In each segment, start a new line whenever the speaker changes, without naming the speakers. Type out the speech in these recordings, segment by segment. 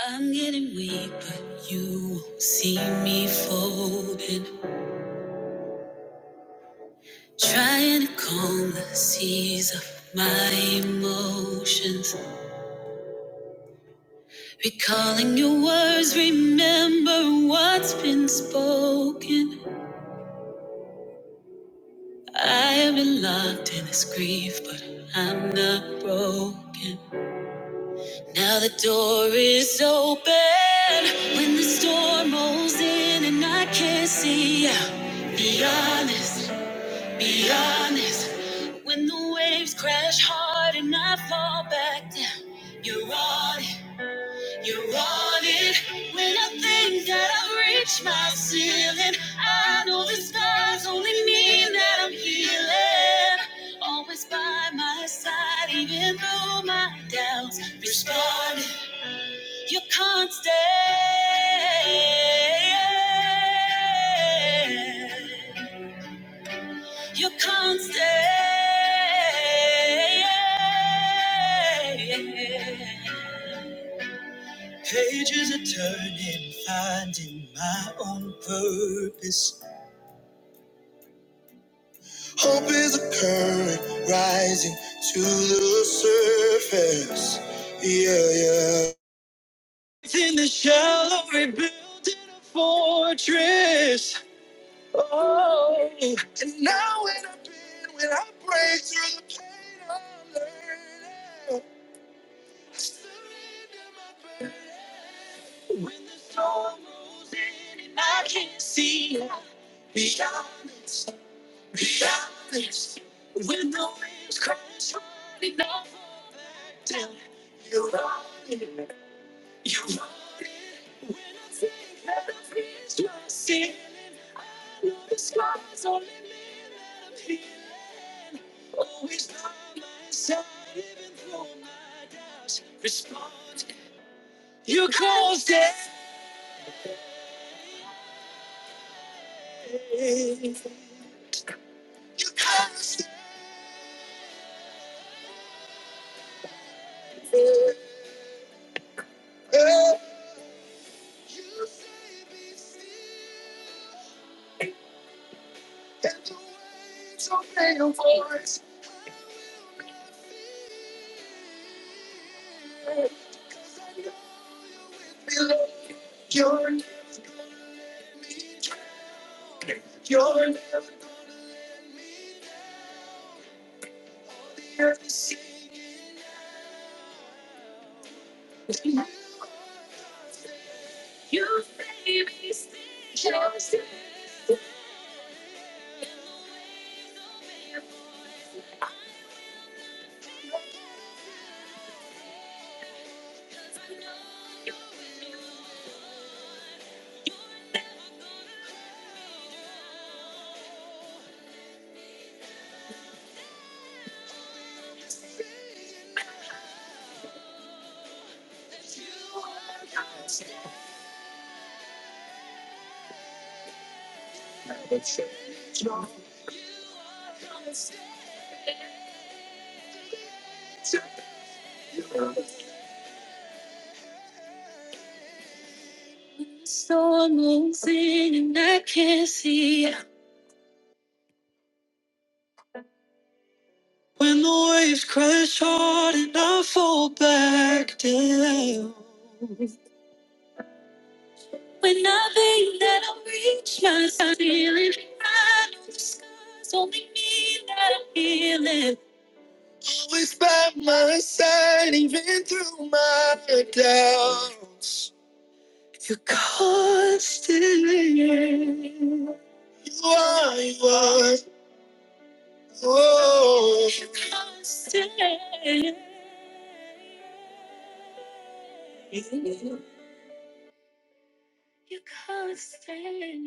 I'm getting weak, but you won't see me folded. Trying to calm the seas of my emotions. Recalling your words, remember what's been spoken. I have been locked in this grief, but I'm not broken. Now the door is open. When the storm rolls in and I can't see out, be honest. Be honest, when the waves crash hard and I fall back down, you're on it, you're on it. When I think that I've reached my ceiling, I know the scars only mean that I'm healing. Always by my side, even through my doubts, responding, you're constant. You can't stay. Pages are turning, finding my own purpose. Fortress. Storm rolls in and I can't see. When the waves crash hard and I fall back down. When I think that I'll reach my ceiling, I know the scars only mean that I'm healing. can't stay. You can't stay.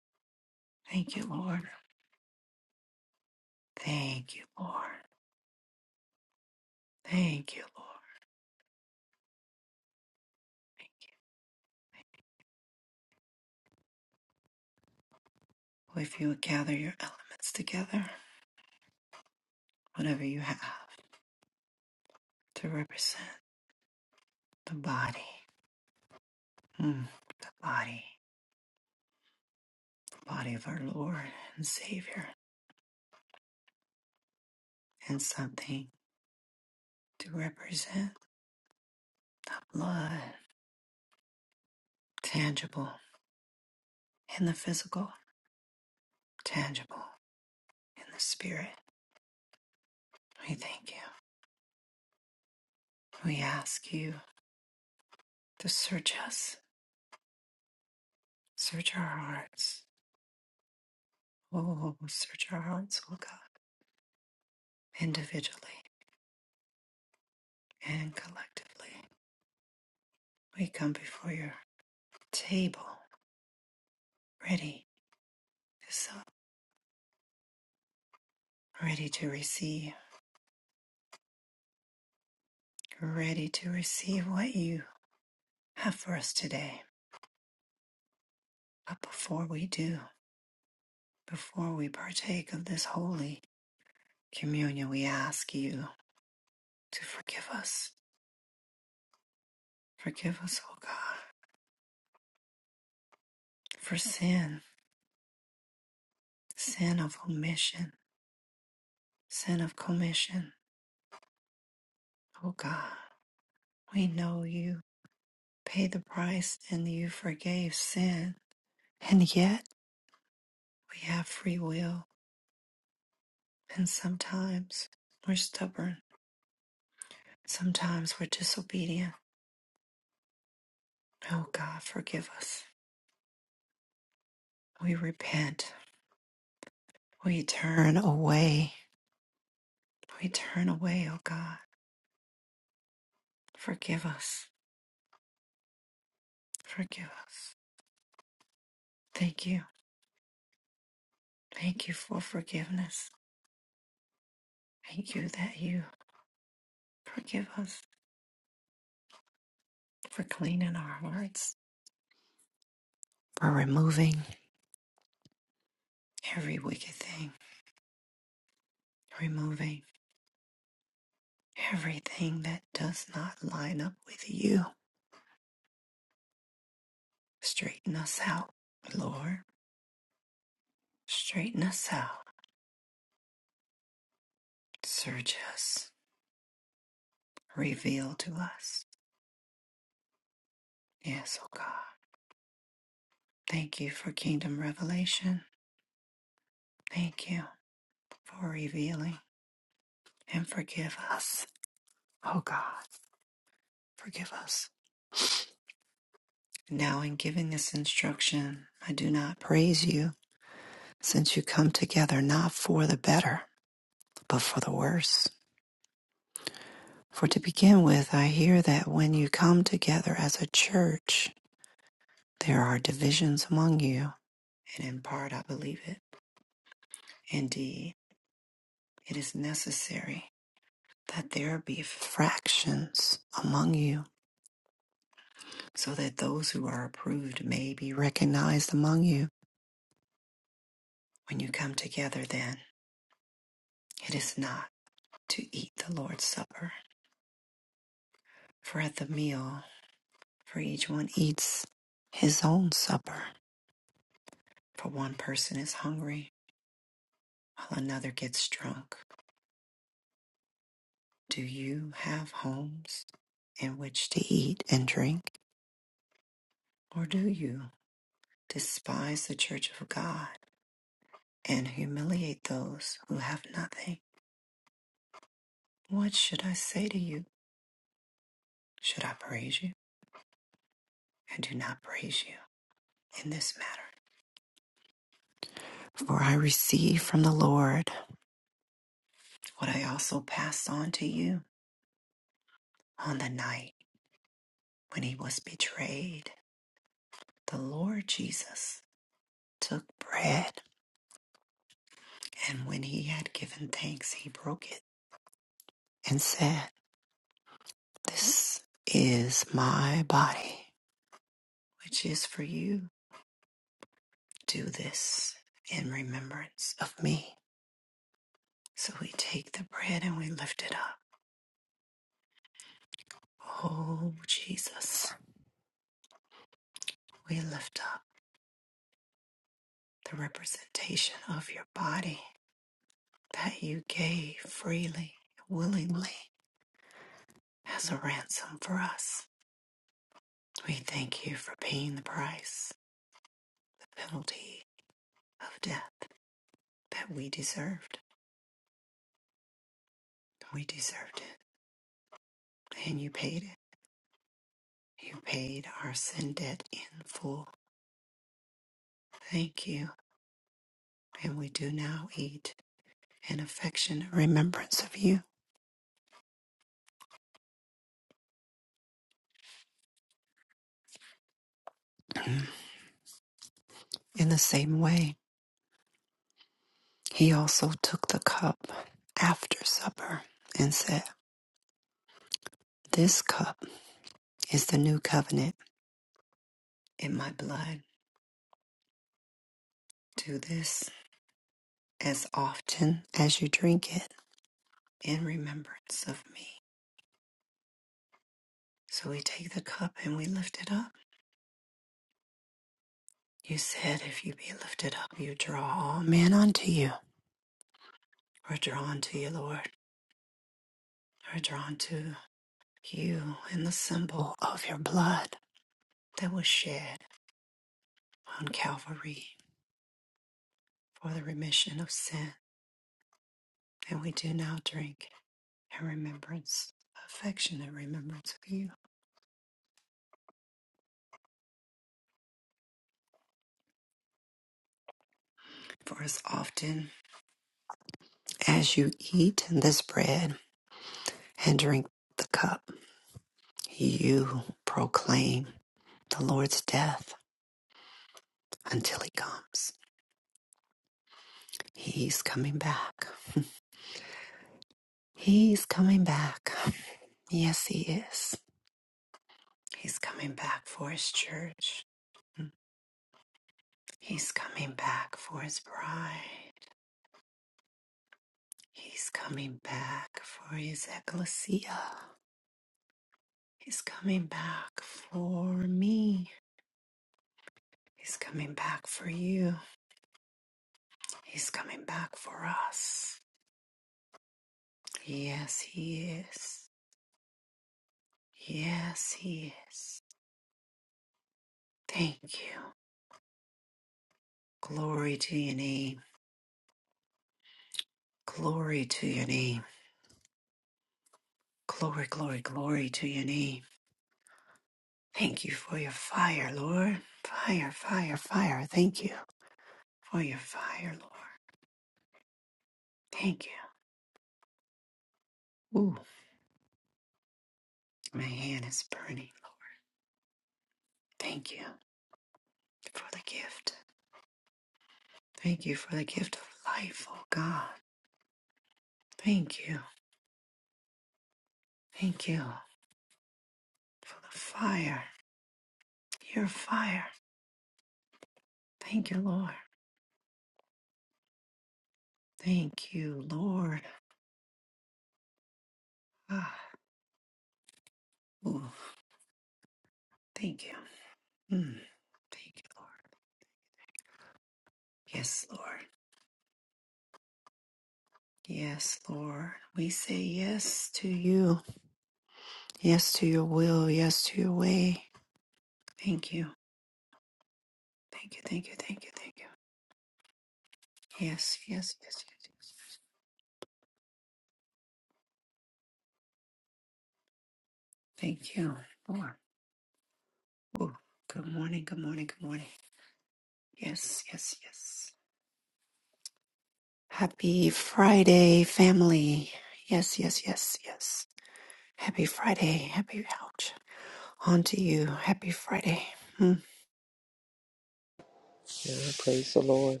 Praise the Lord.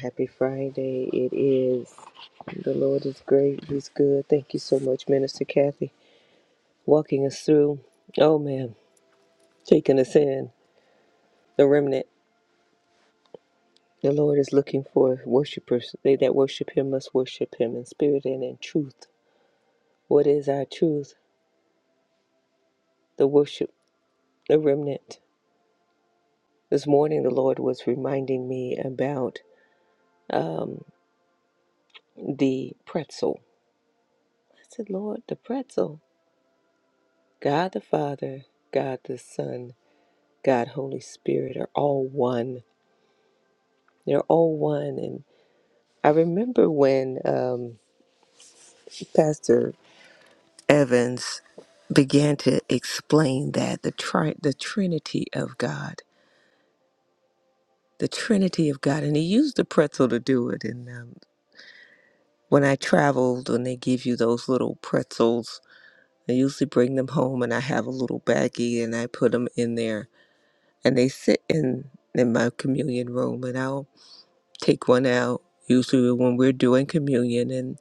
Happy Friday. It is. The Lord is great. He's good. Thank you so much, Minister Kathy, walking us through. Oh, man, taking us in. The remnant. The Lord is looking for worshipers. They that worship Him must worship Him in spirit and in truth. What is our truth? The worship, the remnant. This morning, the Lord was reminding me about um, the pretzel. I said, Lord, the pretzel. God the Father, God the Son. God, Holy Spirit are all one. They're all one. And I remember when um, Pastor Evans began to explain that the tri- the Trinity of God, the Trinity of God, and he used the pretzel to do it. And um, when I traveled, when they give you those little pretzels, I usually bring them home, and I have a little baggie, and I put them in there, and they sit in in my communion room, and I'll take one out, usually when we're doing communion, and,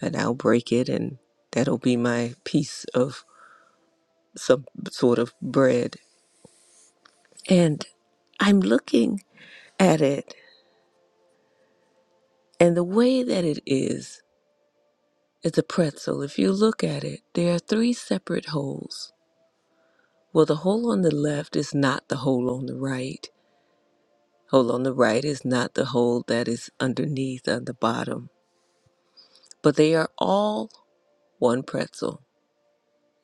and I'll break it, and that'll be my piece of some sort of bread. And I'm looking at it, and the way that it is, it's a pretzel. If you look at it, there are three separate holes. Well, the hole on the left is not the hole on the right. Hole on the right is not the hole that is underneath on the bottom. But they are all one pretzel,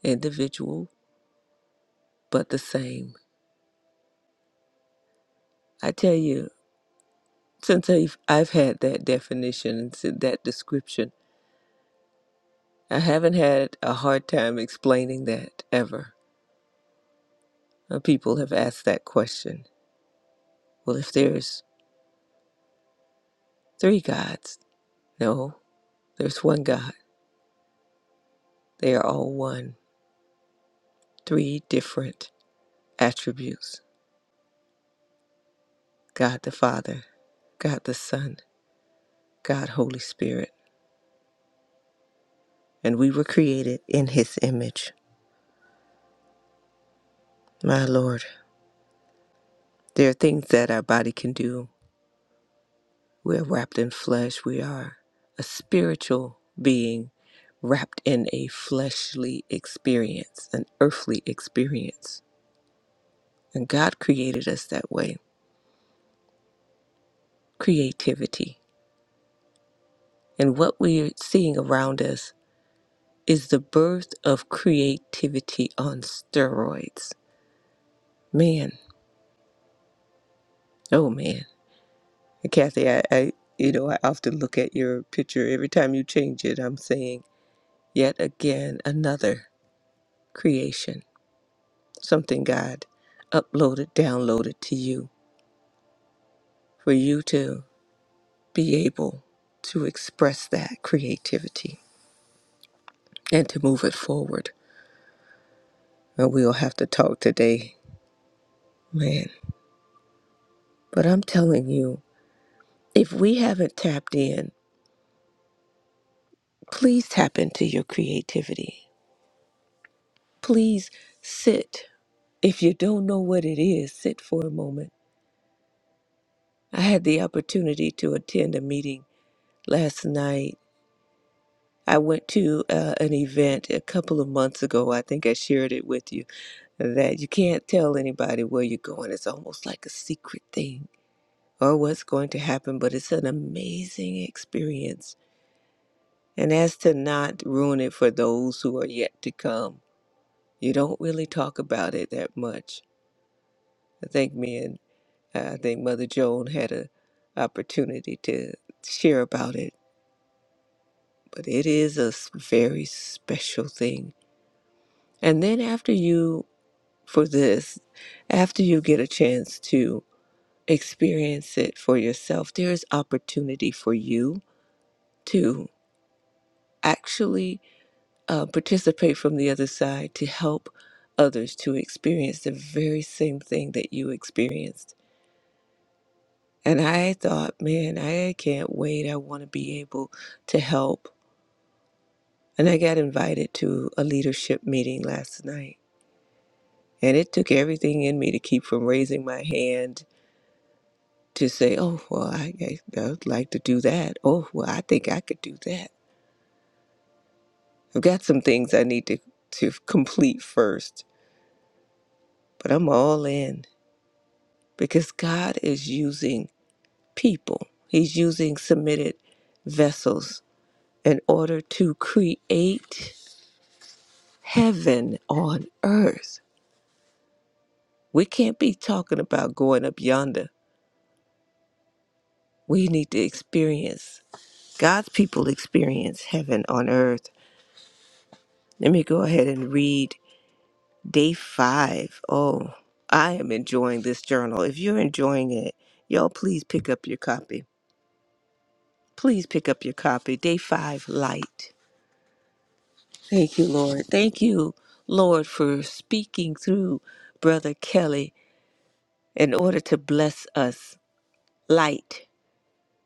individual but the same. I tell you, since I've, I've had that definition and s- that description, I haven't had a hard time explaining that ever. Uh, People have asked that question. Well, if there's three gods, no, there's one God. They are all one, three different attributes God the Father, God the Son, God Holy Spirit. And we were created in His image. My Lord, there are things that our body can do We're wrapped in flesh. We are a spiritual being wrapped in a fleshly experience, an earthly experience. And God created us that way creativity. And what we're seeing around us is the birth of creativity on steroids. Man, oh man. And Kathy, I, I you know, I often look at your picture every time you change it. I'm saying, yet again, another creation something God uploaded, downloaded to you for you to be able to express that creativity and to move it forward. And we'll have to talk today, man. But I'm telling you, if we haven't tapped in, please tap into your creativity. Please sit. If you don't know what it is, sit for a moment. I had the opportunity to attend a meeting last night I went to uh, an event a couple of months ago. I think I shared it with you that you can't tell anybody where you're going. It's almost like a secret thing or what's going to happen, but it's an amazing experience. And as to not ruin it for those who are yet to come, you don't really talk about it that much. I think me and uh, I think Mother Joan had a opportunity to share about it, but it is a s- very special thing. And then after you for this. After you get a chance to experience it for yourself, there is opportunity for you to actually uh, participate from the other side to help others to experience the very same thing that you experienced. And I thought, man, I can't wait. I want to be able to help. And I got invited to a leadership meeting last night. And it took everything in me to keep from raising my hand to say, oh, well, I, I, I would like to do that. Oh, well, I think I could do that. I've got some things I need to, to complete first, but I'm all in because God is using people, He's using submitted vessels in order to create heaven on earth. We can't be talking about going up yonder. We need to experience God's people experience heaven on earth. Let me go ahead and read Day five. Oh, I am enjoying this journal. If you're enjoying it, y'all please pick up your copy. Please pick up your copy. Day five, light. Thank you, Lord. Thank you, Lord, for speaking through Brother Kelly in order to bless us. Light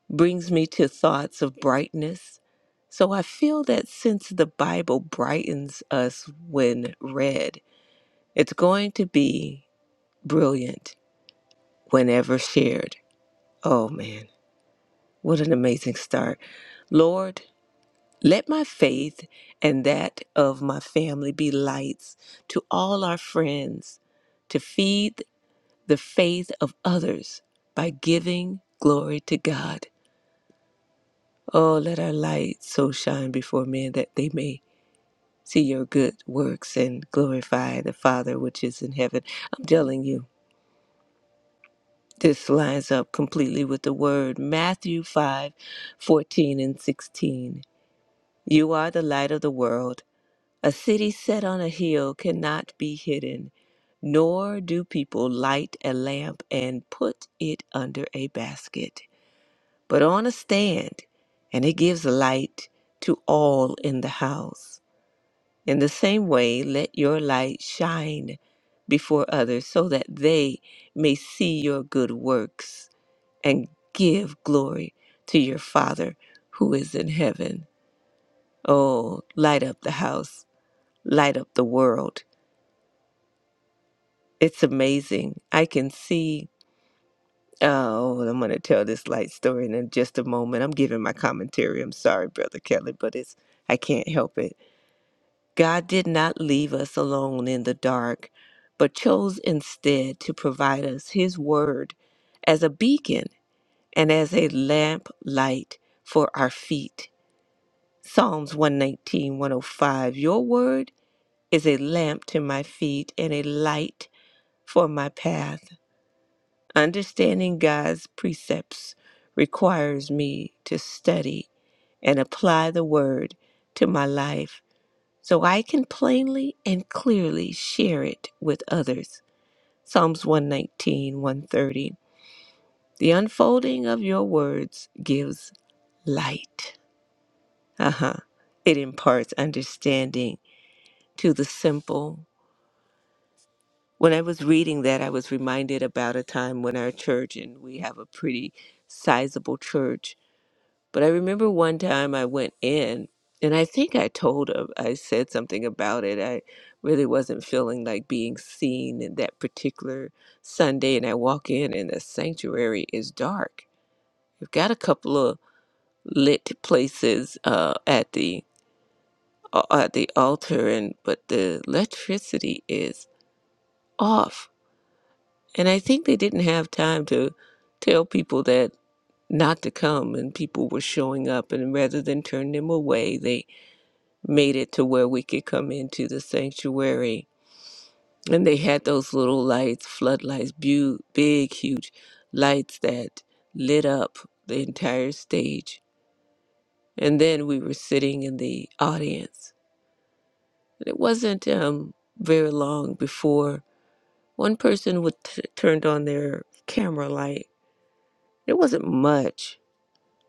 brings me to thoughts of brightness. So I feel that since the Bible brightens us when read, it's going to be brilliant whenever shared. Oh man, what an amazing start. Lord, let my faith and that of my family be lights to all our friends to feed the faith of others by giving glory to God. Oh, let our light so shine before men that they may see your good works and glorify the Father which is in heaven. I'm telling you, this lines up completely with the word Matthew 5, 14 and 16. You are the light of the world. A city set on a hill cannot be hidden, nor do people light a lamp and put it under a basket, but on a stand, and it gives light to all in the house. In the same way, let your light shine before others so that they may see your good works and give glory to your Father who is in heaven. Oh, light up the house, light up the world. It's amazing. I can see. Oh, I'm going to tell this light story in just a moment. I'm giving my commentary. I'm sorry, Brother Kelly, but it's I can't help it. God did not leave us alone in the dark, but chose instead to provide us His Word as a beacon and as a lamp light for our feet. Psalms 119, 105. Your Word is a lamp to my feet and a light for my path. Understanding God's precepts requires me to study and apply the word to my life so I can plainly and clearly share it with others. Psalms 119, 130. The unfolding of your words gives light. Uh huh. It imparts understanding to the simple When I was reading that, I was reminded about a time when our church, and we have a pretty sizable church, but I remember one time I went in, and I think I told him, I said something about it. I really wasn't feeling like being seen in that particular Sunday, and I walk in, and the sanctuary is dark. We've got a couple of lit places uh, at the uh, at the altar, and but the electricity is off And I think they didn't have time to tell people that not to come and people were showing up and rather than turn them away, they made it to where we could come into the sanctuary. And they had those little lights, floodlights, bu- big, huge lights that lit up the entire stage. And then we were sitting in the audience. And it wasn't um, very long before one person would t- turned on their camera light. It wasn't much,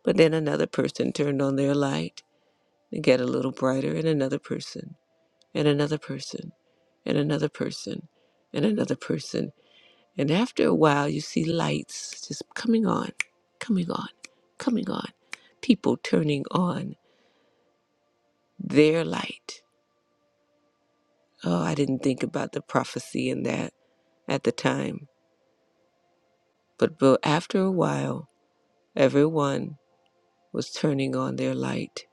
But then another person turned on their light and got a little brighter, and another person, and another person, and another person, and another person. And after a while, you see lights just coming on, coming on, coming on. People turning on their light. Oh, I didn't think about the prophecy in that at the time. But bu- after a while, everyone was turning on their light.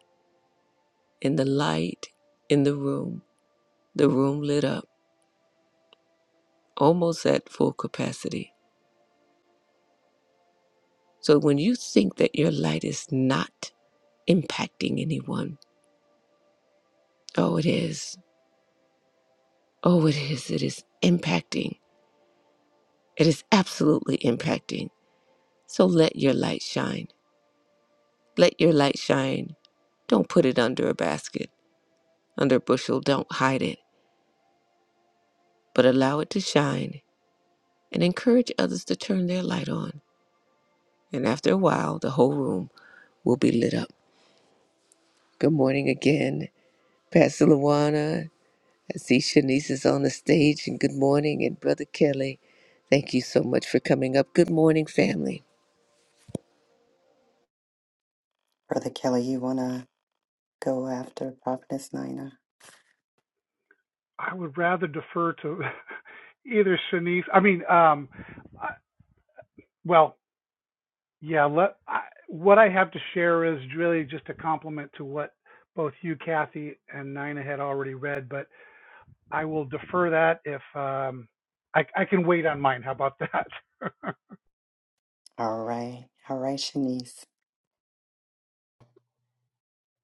And the light in the room, the room lit up almost at full capacity. So when you think that your light is not impacting anyone, oh, it is. Oh, it is. It is impacting. It is absolutely impacting. So let your light shine. Let your light shine. Don't put it under a basket, under a bushel. Don't hide it, but allow it to shine and encourage others to turn their light on. And after a while, the whole room will be lit up. Good morning again, Pastor Luana. I see Shanice is on the stage, and good morning, and Brother Kelly. Thank you so much for coming up. Good morning, family.
Uh, go after Prophetess Nina.
I would rather defer to either Shanice. I mean, um, I, well, yeah. Let I, what I have to share is really just a compliment to what both you, Kathy, and Nina had already read. But I will defer that if um, I, I can wait on mine. How about that?
All right. All right, Shanice.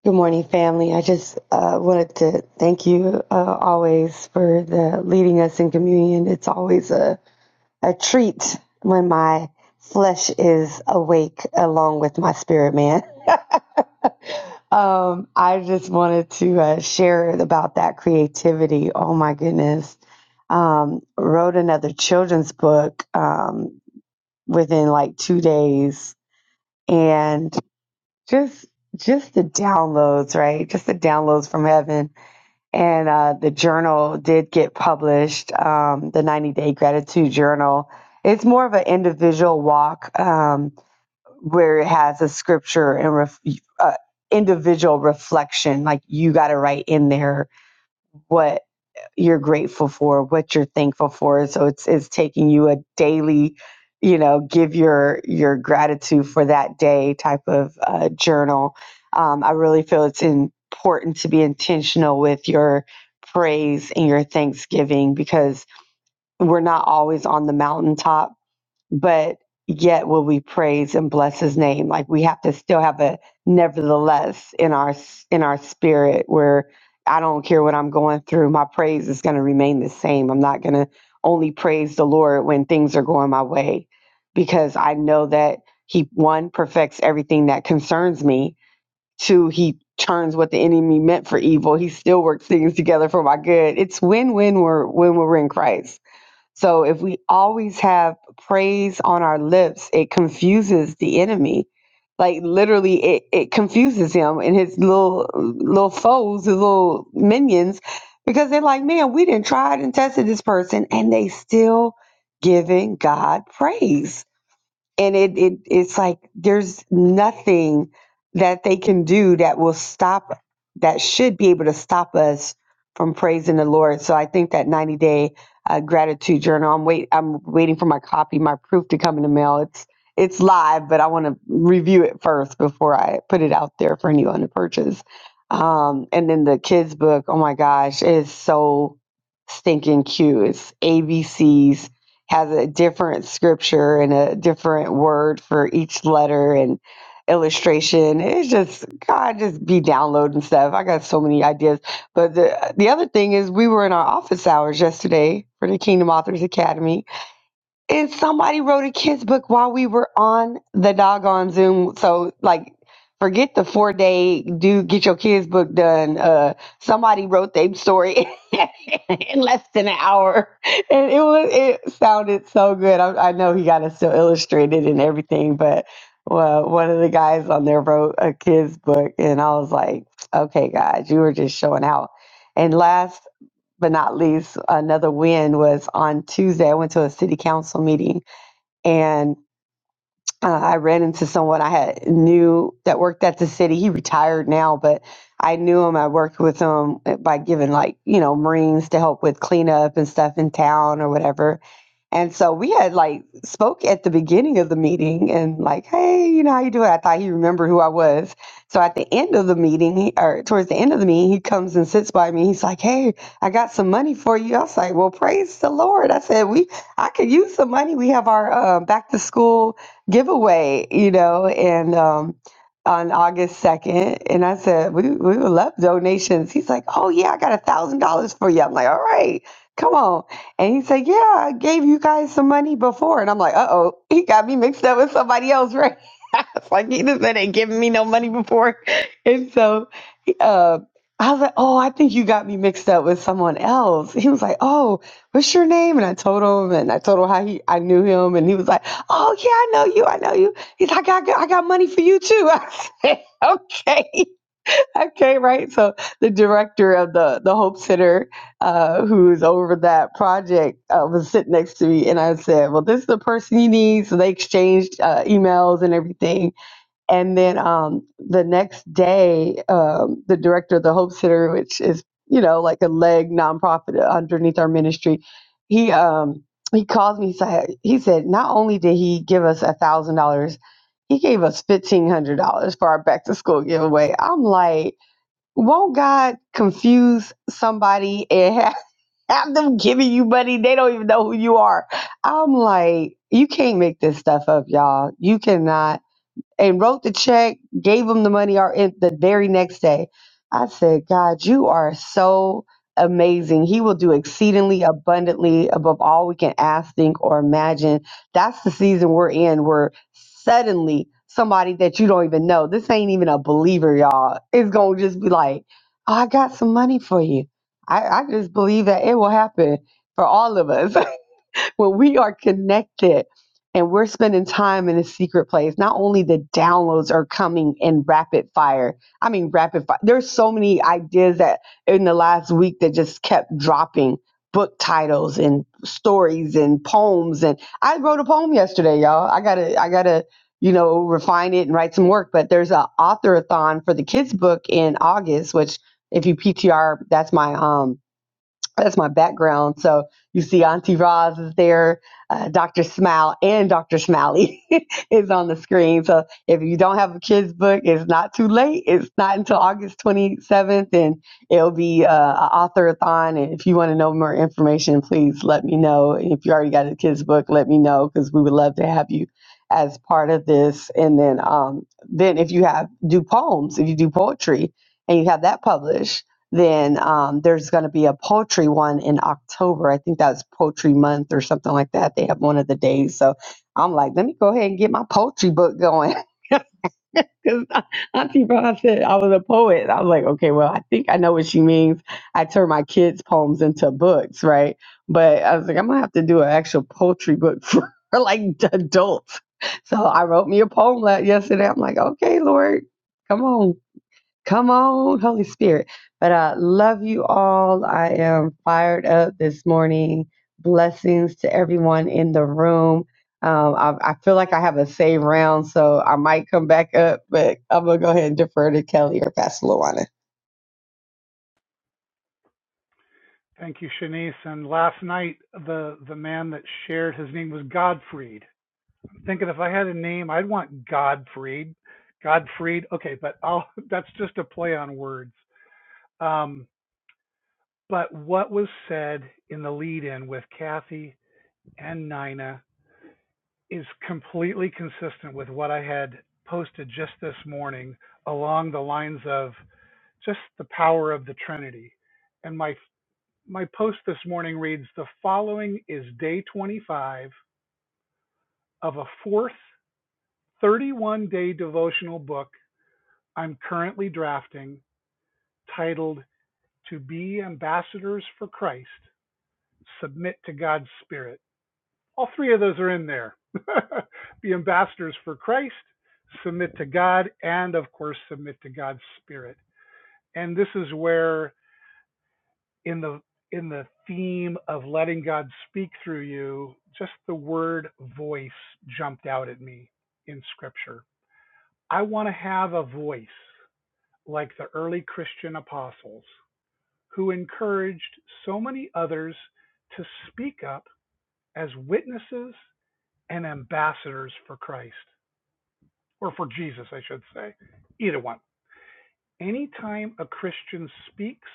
Good morning, family. I just uh, wanted to thank you uh, always for the leading us in communion. It's always a, a treat when my flesh is awake along with my spirit, man. Um, I just wanted to uh, share about that creativity. Oh my goodness. Um, wrote another children's book um, within like two days and just just the downloads, right? Just the downloads from heaven and uh, the journal did get published um, the 90 day gratitude journal it's more of an individual walk um, where it has a scripture and ref- uh, individual reflection like you got to write in there what you're grateful for, what you're thankful for. So it's it's taking you a daily, you know, give your your gratitude for that day type of uh, journal. Um, I really feel it's important to be intentional with your praise and your thanksgiving because we're not always on the mountaintop but yet will we praise and bless his name like we have to still have a nevertheless in our in our spirit where i don't care what i'm going through my praise is going to remain the same i'm not going to only praise the lord when things are going my way because i know that he one perfects everything that concerns me two he turns what the enemy meant for evil he still works things together for my good it's win-win we're- when we're in christ so if we always have praise on our lips, it confuses the enemy. Like literally it, it confuses him and his little little foes, his little minions, because they're like, man, we didn't try and tested this person and they still giving God praise and it, it it's like there's nothing that they can do that will stop that should be able to stop us from praising the Lord. So I think that 90 day uh, gratitude journal. I'm wait I'm waiting for my copy, my proof to come in the mail. It's it's live, but I want to review it first before I put it out there for anyone to purchase. Um, and then the kids book. Oh my gosh, it is so stinking cute. It's ABCs has a different scripture and a different word for each letter and illustration. It's just God just be downloading stuff. I got so many ideas. But the the other thing is we were in our office hours yesterday for the Kingdom Authors Academy and somebody wrote a kids book while we were on the doggone Zoom. So like, forget the four day do get your kids book done. Uh, somebody wrote their story in less than an hour, and it was it sounded so good. I, I know he got it still illustrated and everything, but well, one of the guys on there wrote a kids book, and I was like, okay, guys, you were just showing out. And last but not least, another win was on Tuesday. I went to a city council meeting and uh, I ran into someone I had knew that worked at the city. He retired now, but I knew him. I worked with him by giving like you know Marines to help with cleanup and stuff in town or whatever. And so we had like spoke at the beginning of the meeting and like, hey, you know how you doing? I thought he remembered who I was. So at the end of the meeting, he, or towards the end of the meeting, he comes and sits by me. He's like, hey, I got some money for you. I was like, well, praise the Lord. I said, we I could use some money. We have our uh, back to school giveaway, you know, and um, on August 2nd. And I said, we, we would love donations. He's like, oh, yeah, I got a $1,000 for you. I'm like, all right, come on. And he said, yeah, I gave you guys some money before. And I'm like, uh oh, he got me mixed up with somebody else, right? I was like, he just said ain't giving me no money before. And so, uh, I was like, oh, I think you got me mixed up with someone else. He was like, oh, what's your name? And I told him, and I told him how he, I knew him, and he was like, oh yeah, I know you, I know you. He's like, I got, I got money for you too. I said, okay, okay, right. So the director of the the Hope Center, uh, who's over that project, uh, was sitting next to me, and I said, well, this is the person you need. So they exchanged uh, emails and everything and then um, the next day, um, the director of the Hope Center, which is you know like a leg nonprofit underneath our ministry, he um, he calls me. He said, he said not only did he give us a thousand dollars, he gave us fifteen hundred dollars for our back to school giveaway. I'm like, won't God confuse somebody and have, have them giving you money? They don't even know who you are. I'm like, you can't make this stuff up, y'all. You cannot and wrote the check, gave him the money or in the very next day. I said, God, you are so amazing. He will do exceedingly abundantly above all we can ask, think, or imagine. That's the season we're in where suddenly somebody that you don't even know, this ain't even a believer, y'all, is going to just be like, oh, I got some money for you. I, I just believe that it will happen for all of us. when we are connected and we're spending time in a secret place, not only the downloads are coming in rapid fire. I mean, rapid fire. There's so many ideas that in the last week that just kept dropping book titles and stories and poems. And I wrote a poem yesterday, y'all. I gotta, I gotta, you know, refine it and write some work. But there's a authorathon for the kids book in August, which if you PTR, that's my um that's my background. So you see Auntie Roz is there, uh, Dr. Smile and Dr. Smiley is on the screen. So if you don't have a kid's book, it's not too late. It's not until August 27th and it'll be uh, a author-a-thon. And if you want to know more information, please let me know. And if you already got a kid's book, let me know because we would love to have you as part of this. And then, um, then if you have do poems, if you do poetry and you have that published, then um, there's going to be a poultry one in October. I think that's poultry month or something like that. They have one of the days. So I'm like, let me go ahead and get my poultry book going. Because Auntie Ron said I was a poet. I was like, okay, well, I think I know what she means. I turn my kids' poems into books, right? But I was like, I'm going to have to do an actual poultry book for like adults. So I wrote me a poem la- yesterday. I'm like, okay, Lord, come on. Come on, Holy Spirit. But I love you all. I am fired up this morning. Blessings to everyone in the room. Um, I, I feel like I have a save round, so I might come back up, but I'm going to go ahead and defer to Kelly or Pastor Luana.
Thank you, Shanice. And last night, the the man that shared his name was Godfried. I'm thinking if I had a name, I'd want Godfried. Godfried. Okay, but I'll, that's just a play on words. Um, But what was said in the lead-in with Kathy and Nina is completely consistent with what I had posted just this morning along the lines of just the power of the Trinity. And my my post this morning reads the following is day 25 of a fourth 31-day devotional book I'm currently drafting titled To Be Ambassadors for Christ, Submit to God's Spirit. All three of those are in there. Be ambassadors for Christ, submit to God, and of course submit to God's spirit. And this is where in the in the theme of letting God speak through you, just the word voice jumped out at me in scripture. I want to have a voice like the early Christian apostles who encouraged so many others to speak up as witnesses and ambassadors for Christ. or for Jesus, I should say, either one. Anytime a Christian speaks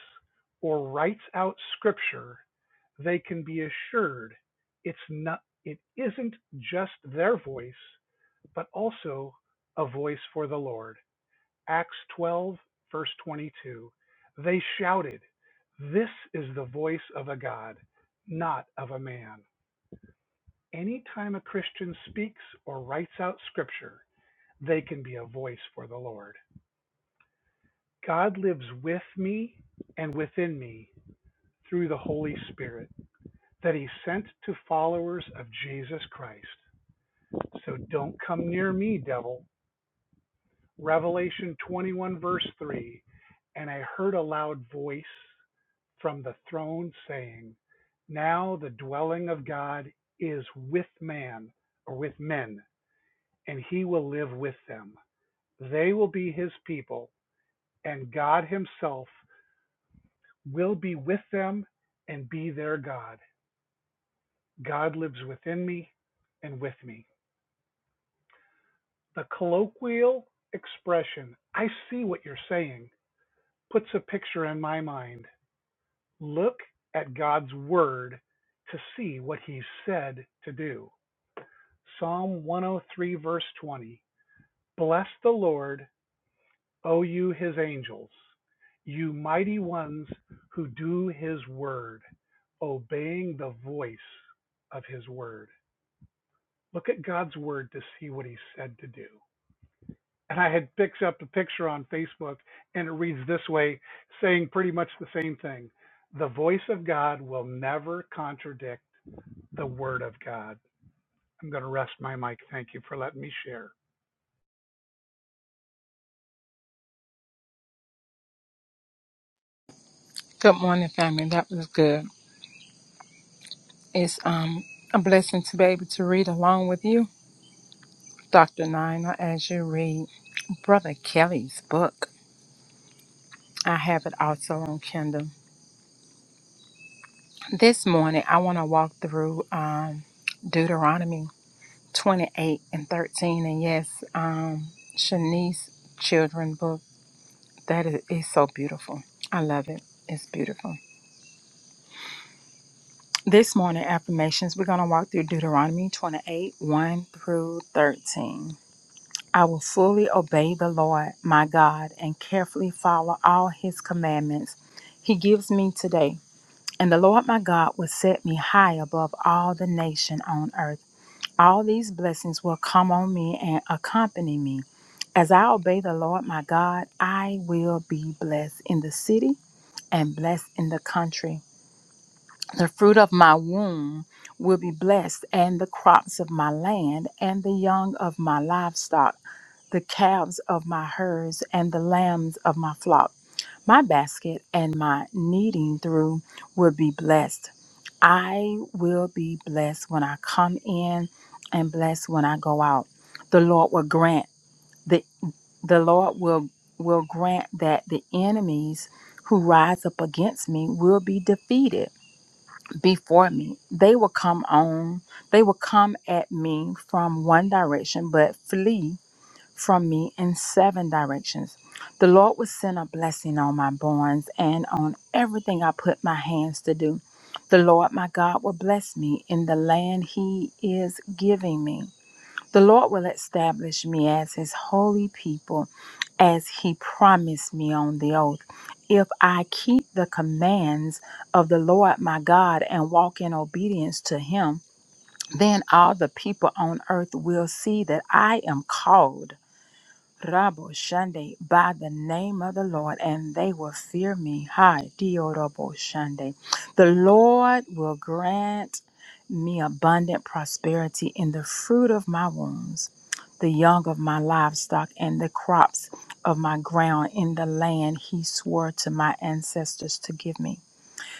or writes out scripture, they can be assured it's not it isn't just their voice, but also a voice for the Lord. Acts 12 verse 22. They shouted, "This is the voice of a God, not of a man." Anytime a Christian speaks or writes out scripture, they can be a voice for the Lord. God lives with me and within me through the Holy Spirit that He sent to followers of Jesus Christ. So don't come near me, devil. Revelation 21, verse 3 And I heard a loud voice from the throne saying, Now the dwelling of God is with man or with men, and He will live with them. They will be His people, and God Himself will be with them and be their God. God lives within me and with me. The colloquial expression, I see what you're saying, puts a picture in my mind. Look at God's word to see what he said to do. Psalm 103, verse 20. Bless the Lord, O you his angels, you mighty ones who do his word, obeying the voice of his word. look at God's word to see what he said to do. And I had picked up a picture on Facebook and it reads this way, saying pretty much the same thing. The voice of God will never contradict the word of God. I'm going to rest my mic. Thank you for letting me share.
Good morning, family. That was good. It's um a blessing to be able to read along with you, Dr. Nina, as you read Brother Kelly's book. I have it also on Kindle. This morning, I want to walk through um, Deuteronomy 28 and 13. And yes, um, Shanice's children book. That is, is so beautiful. I love it. It's beautiful. This morning, affirmations, we're going to walk through Deuteronomy 28 1 through 13. I will fully obey the Lord my God and carefully follow all his commandments he gives me today. And the Lord my God will set me high above all the nation on earth. All these blessings will come on me and accompany me. As I obey the Lord my God, I will be blessed in the city and blessed in the country. The fruit of my womb will be blessed, and the crops of my land and the young of my livestock the calves of my herds and the lambs of my flock. My basket and my kneading through will be blessed. I will be blessed when I come in and blessed when I go out. The Lord will grant the the Lord will will grant that the enemies who rise up against me will be defeated before me. They will come on, they will come at me from one direction but flee from me in seven directions. The Lord will send a blessing on my barns and on everything I put my hands to do. The Lord my God will bless me in the land he is giving me. The Lord will establish me as his holy people, as he promised me on the oath. If I keep the commands of the Lord my God and walk in obedience to him, then all the people on earth will see that I am called Rabo Shande by the name of the Lord, and they will fear me. Hi, Diorobo Shande. The Lord will grant me abundant prosperity in the fruit of my wombs, the young of my livestock, and the crops of my ground in the land he swore to my ancestors to give me.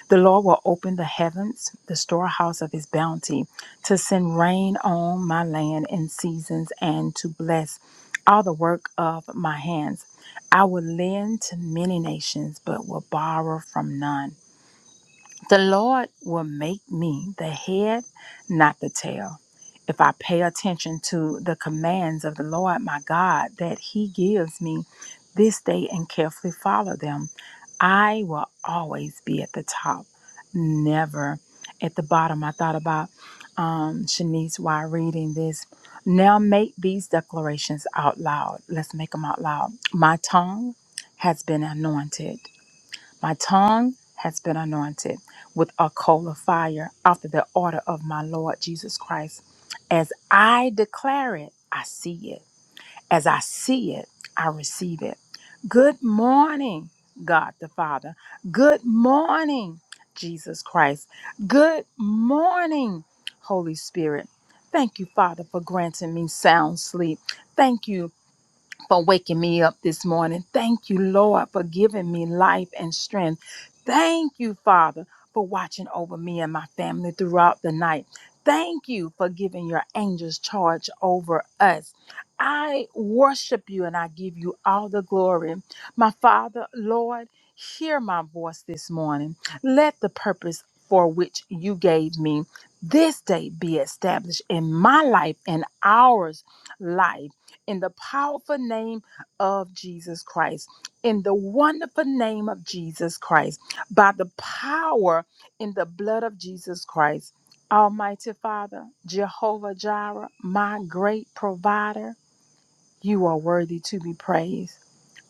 The Lord will open the heavens, the storehouse of his bounty, to send rain on my land in seasons and to bless all the work of my hands. I will lend to many nations, but will borrow from none. The Lord will make me the head, not the tail. If I pay attention to the commands of the Lord my God that He gives me this day and carefully follow them, I will always be at the top, never at the bottom. I thought about um, Shanice while reading this. Now make these declarations out loud. Let's make them out loud. My tongue has been anointed. My tongue has been anointed with a coal of fire after the order of my Lord Jesus Christ. As I declare it, I see it. As I see it, I receive it. Good morning, God the Father. Good morning, Jesus Christ. Good morning, Holy Spirit. Thank you, Father, for granting me sound sleep. Thank you, for waking me up this morning. Thank you, Lord, for giving me life and strength. Thank you, Father, for watching over me and my family throughout the night. Thank you for giving your angels charge over us. I worship you and I give you all the glory. My Father, Lord, hear my voice this morning. Let the purpose for which you gave me this day be established in my life and ours life in the powerful name of Jesus Christ, in the wonderful name of Jesus Christ, by the power in the blood of Jesus Christ. Almighty Father, Jehovah Jireh, my great provider, you are worthy to be praised.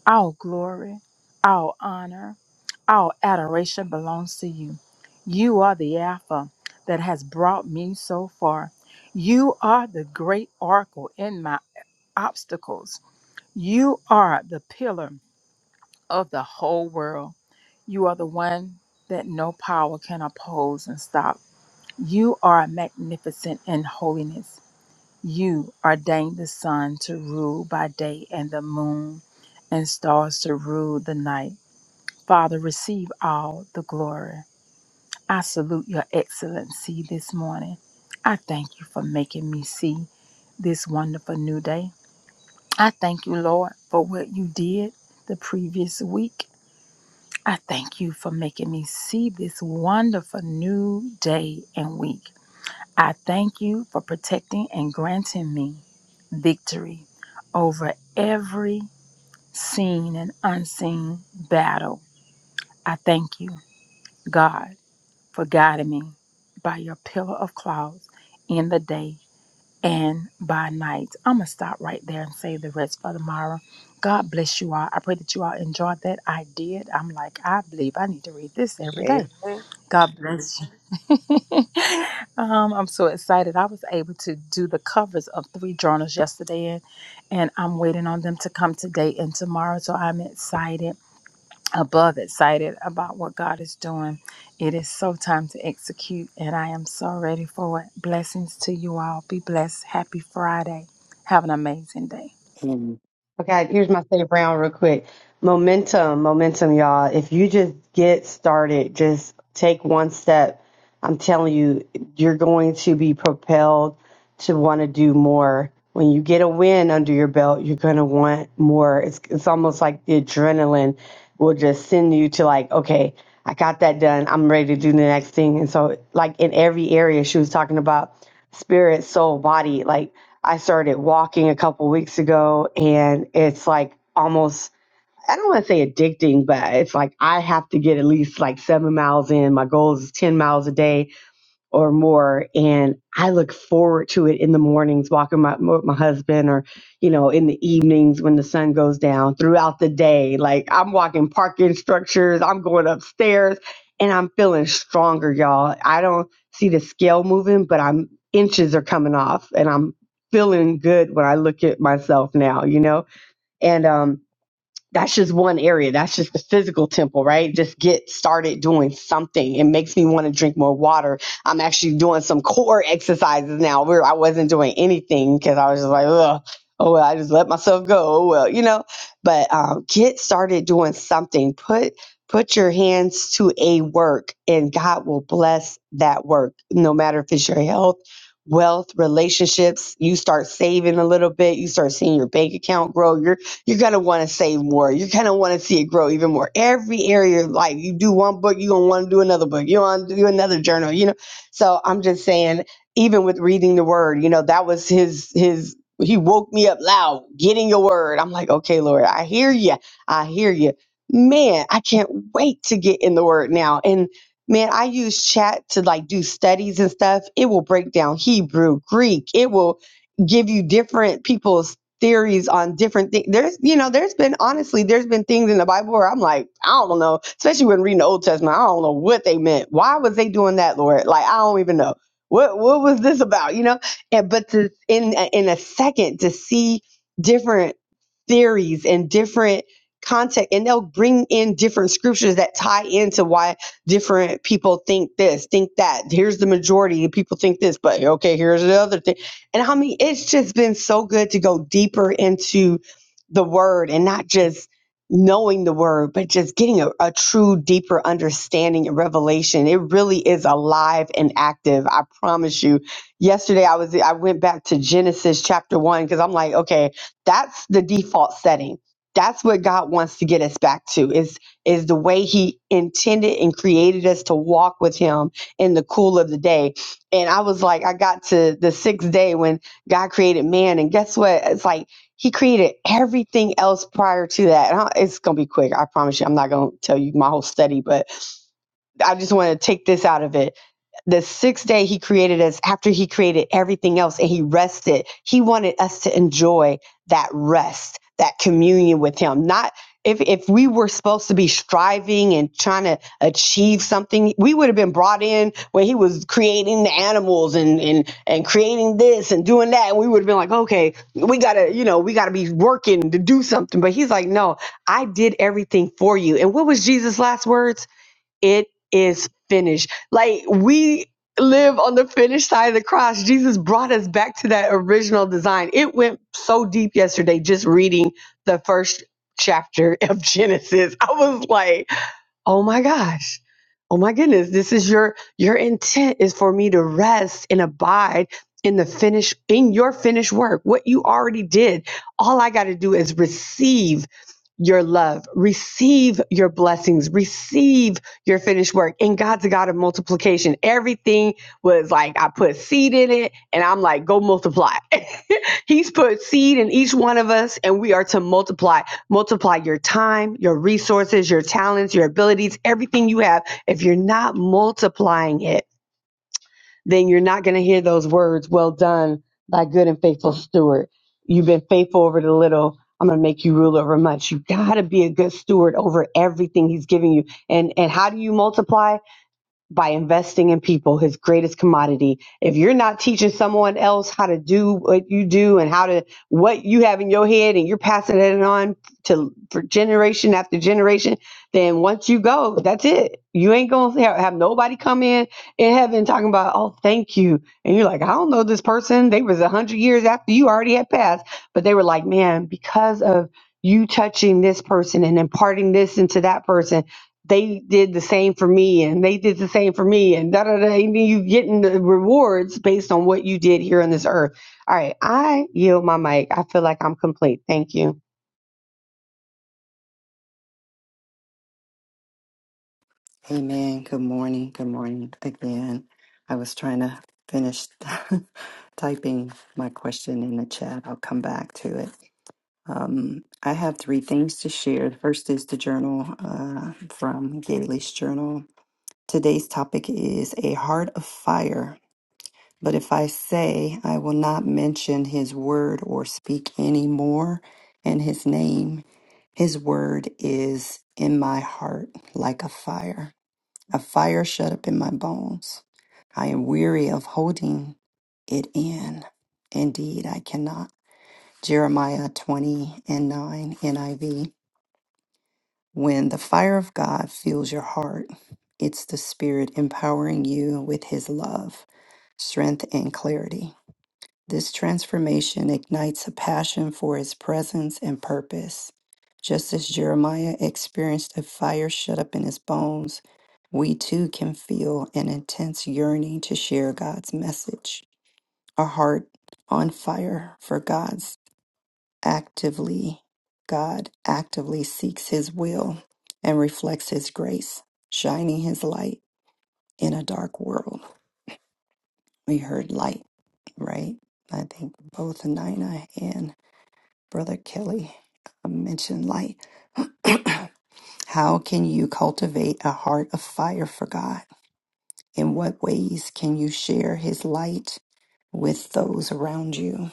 All glory, all honor, all adoration belongs to you. You are the Alpha that has brought me so far. You are the great oracle in my obstacles. You are the pillar of the whole world. You are the one that no power can oppose and stop. You are magnificent in holiness. You ordained the sun to rule by day and the moon and stars to rule the night. Father, receive all the glory. I salute your excellency this morning. I thank you for making me see this wonderful new day. I thank you, Lord, for what you did the previous week. I thank you for making me see this wonderful new day and week. I thank you for protecting and granting me victory over every seen and unseen battle. I thank you, God, for guiding me by your pillar of clouds in the day and by night. I'm going to stop right there and save the rest for tomorrow. God bless you all. I pray that you all enjoyed that. I did. I'm like, I believe I need to read this every day.
Amen.
God bless you. um, I'm so excited. I was able to do the covers of three journals yesterday, and, and I'm waiting on them to come today and tomorrow. So I'm excited, above excited about what God is doing. It is so time to execute, and I am so ready for it. Blessings to you all. Be blessed. Happy Friday. Have an amazing day.
Mm.
Okay, here's my safe round real quick. Momentum, momentum, y'all. If you just get started, just take one step. I'm telling you, you're going to be propelled to want to do more. When you get a win under your belt, you're going to want more. It's it's almost like the adrenaline will just send you to like, okay, I got that done. I'm ready to do the next thing. And so like in every area she was talking about spirit, soul, body. Like I started walking a couple weeks ago and it's like almost I don't want to say addicting, but it's like I have to get at least like seven miles in. My goal is 10 miles a day or more and i look forward to it in the mornings walking my with my husband or you know in the evenings when the sun goes down throughout the day like i'm walking parking structures i'm going upstairs and i'm feeling stronger y'all i don't see the scale moving but i'm inches are coming off and i'm feeling good when i look at myself now you know and um that's just one area. That's just the physical temple, right? Just get started doing something. It makes me want to drink more water. I'm actually doing some core exercises now where I wasn't doing anything because I was just like, Ugh, oh, well, I just let myself go. Oh, well, you know, but um, get started doing something. Put Put your hands to a work and God will bless that work, no matter if it's your health, wealth, relationships. You start saving a little bit, you start seeing your bank account grow, You're you're gonna want to save more. You're gonna want to see it grow even more. Every area of life, you do one book, you're gonna want to do another book. You want to do another journal, you know. So I'm just saying, even with reading the word, you know, that was his his. He woke me up loud, getting your word. I'm like, okay, Lord, I hear you. I hear you. Man, I can't wait to get in the word now. And man, I use chat to like do studies and stuff. It will break down Hebrew, Greek. It will give you different people's theories on different things. There's, you know, there's been honestly, there's been things in the Bible where I'm like, I don't know, especially when reading the Old Testament, I don't know what they meant. Why was they doing that, Lord? Like, I don't even know what what was this about, you know? And but to in in a second to see different theories and different context and they'll bring in different scriptures that tie into why different people think this think that here's the majority of people think this but okay here's the other thing and I mean, it's just been so good to go deeper into the word and not just knowing the word, but just getting a, a true, deeper understanding and revelation. It really is alive and active. I promise you. Yesterday I was I went back to Genesis chapter one because I'm like, okay, that's the default setting. That's what God wants to get us back to is is the way He intended and created us to walk with Him in the cool of the day and I was like, I got to the sixth day when God created man, and guess what? It's like He created everything else prior to that. And I- it's gonna be quick, I promise you. I'm not gonna tell you my whole study, but I just want to take this out of it the sixth day he created us after he created everything else and he rested. He wanted us to enjoy that rest, that communion with him. Not if, if we were supposed to be striving and trying to achieve something, we would have been brought in when he was creating the animals and, and, and creating this and doing that. And we would have been like, okay, we gotta, you know, we gotta be working to do something. But he's like, no, I did everything for you. And what was Jesus' last words? it is finished. Like we live on the finished side of the cross. Jesus brought us back to that original design. It went so deep yesterday just reading the first chapter of Genesis. I was like, Oh my gosh. Oh my goodness. This is your your intent is for me to rest and abide in the finish in your finished work. What you already did. All I got to do is receive your love, receive your blessings, receive your finished work. And God's a God of multiplication. Everything was like I put seed in it and I'm like, go multiply. He's put seed in each one of us and we are to multiply Multiply your time, your resources, your talents, your abilities, everything you have. If you're not multiplying it, then you're not going to hear those words, well done, thy good and faithful steward. You've been faithful over the little. I'm going to make you rule over much. You got to be a good steward over everything he's giving you. And and how do you multiply? by investing in people, his greatest commodity. If you're not teaching someone else how to do what you do and how to what you have in your head and you're passing it on to for generation after generation, then once you go, that's it. You ain't going to have, have nobody come in in heaven talking about, "Oh, thank you." And you're like, "I don't know this person. They was 100 years after you already had passed, but they were like, "Man, because of you touching this person and imparting this into that person they did the same for me and they did the same for me and da da da. And you getting the rewards based on what you did here on this earth. All right, I yield my mic. I feel like I'm complete. Thank you.
Amen. Good morning. Good morning again. I was trying to finish typing my question in the chat. I'll come back to it. Um, I have three things to share. The first is the journal uh, from Gailey's Journal. Today's topic is a heart of fire But if I say, I will not mention his word or speak any more in his name, his word is in my heart like a fire, a fire shut up in my bones. I am weary of holding it in. Indeed, I cannot. Jeremiah 20 and 9 NIV. When the fire of God fills your heart, it's the Spirit empowering you with His love, strength, and clarity. This transformation ignites a passion for his presence and purpose. Just as Jeremiah experienced a fire shut up in his bones, we too can feel an intense yearning to share God's message, a heart on fire for God's actively. God actively seeks his will and reflects his grace, shining his light in a dark world. We heard light, right? I think both Nina and Brother Kelly uh, mentioned, like, how can you cultivate a heart of fire for God? In what ways can you share His light with those around you?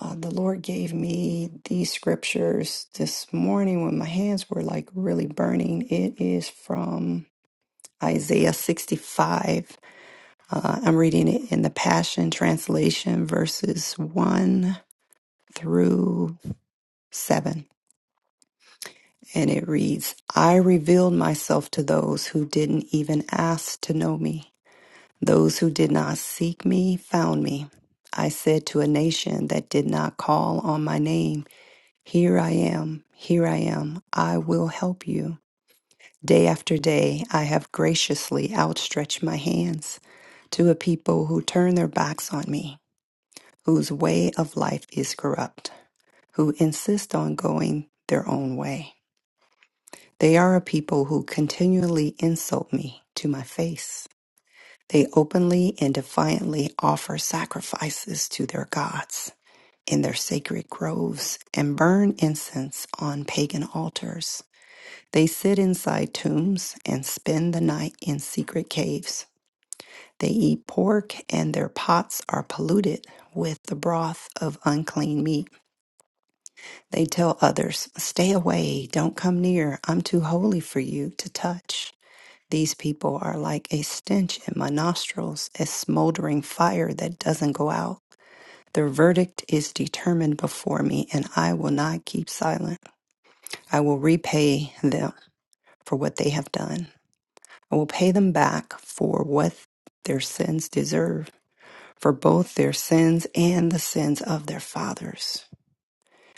Uh, the Lord gave me these scriptures this morning when my hands were like really burning. It is from Isaiah 65. Uh, I'm reading it in the Passion Translation, verses 1 through 7. And it reads, I revealed myself to those who didn't even ask to know me. Those who did not seek me found me. I said to a nation that did not call on my name, Here I am, here I am, I will help you. Day after day, I have graciously outstretched my hands to a people who turn their backs on me, whose way of life is corrupt, who insist on going their own way. They are a people who continually insult me to my face. They openly and defiantly offer sacrifices to their gods in their sacred groves and burn incense on pagan altars. They sit inside tombs and spend the night in secret caves. They eat pork and their pots are polluted with the broth of unclean meat. They tell others, Stay away, don't come near, I'm too holy for you to touch. These people are like a stench in my nostrils, a smoldering fire that doesn't go out. Their verdict is determined before me, and I will not keep silent. I will repay them for what they have done. I will pay them back for what their sins deserve, for both their sins and the sins of their fathers,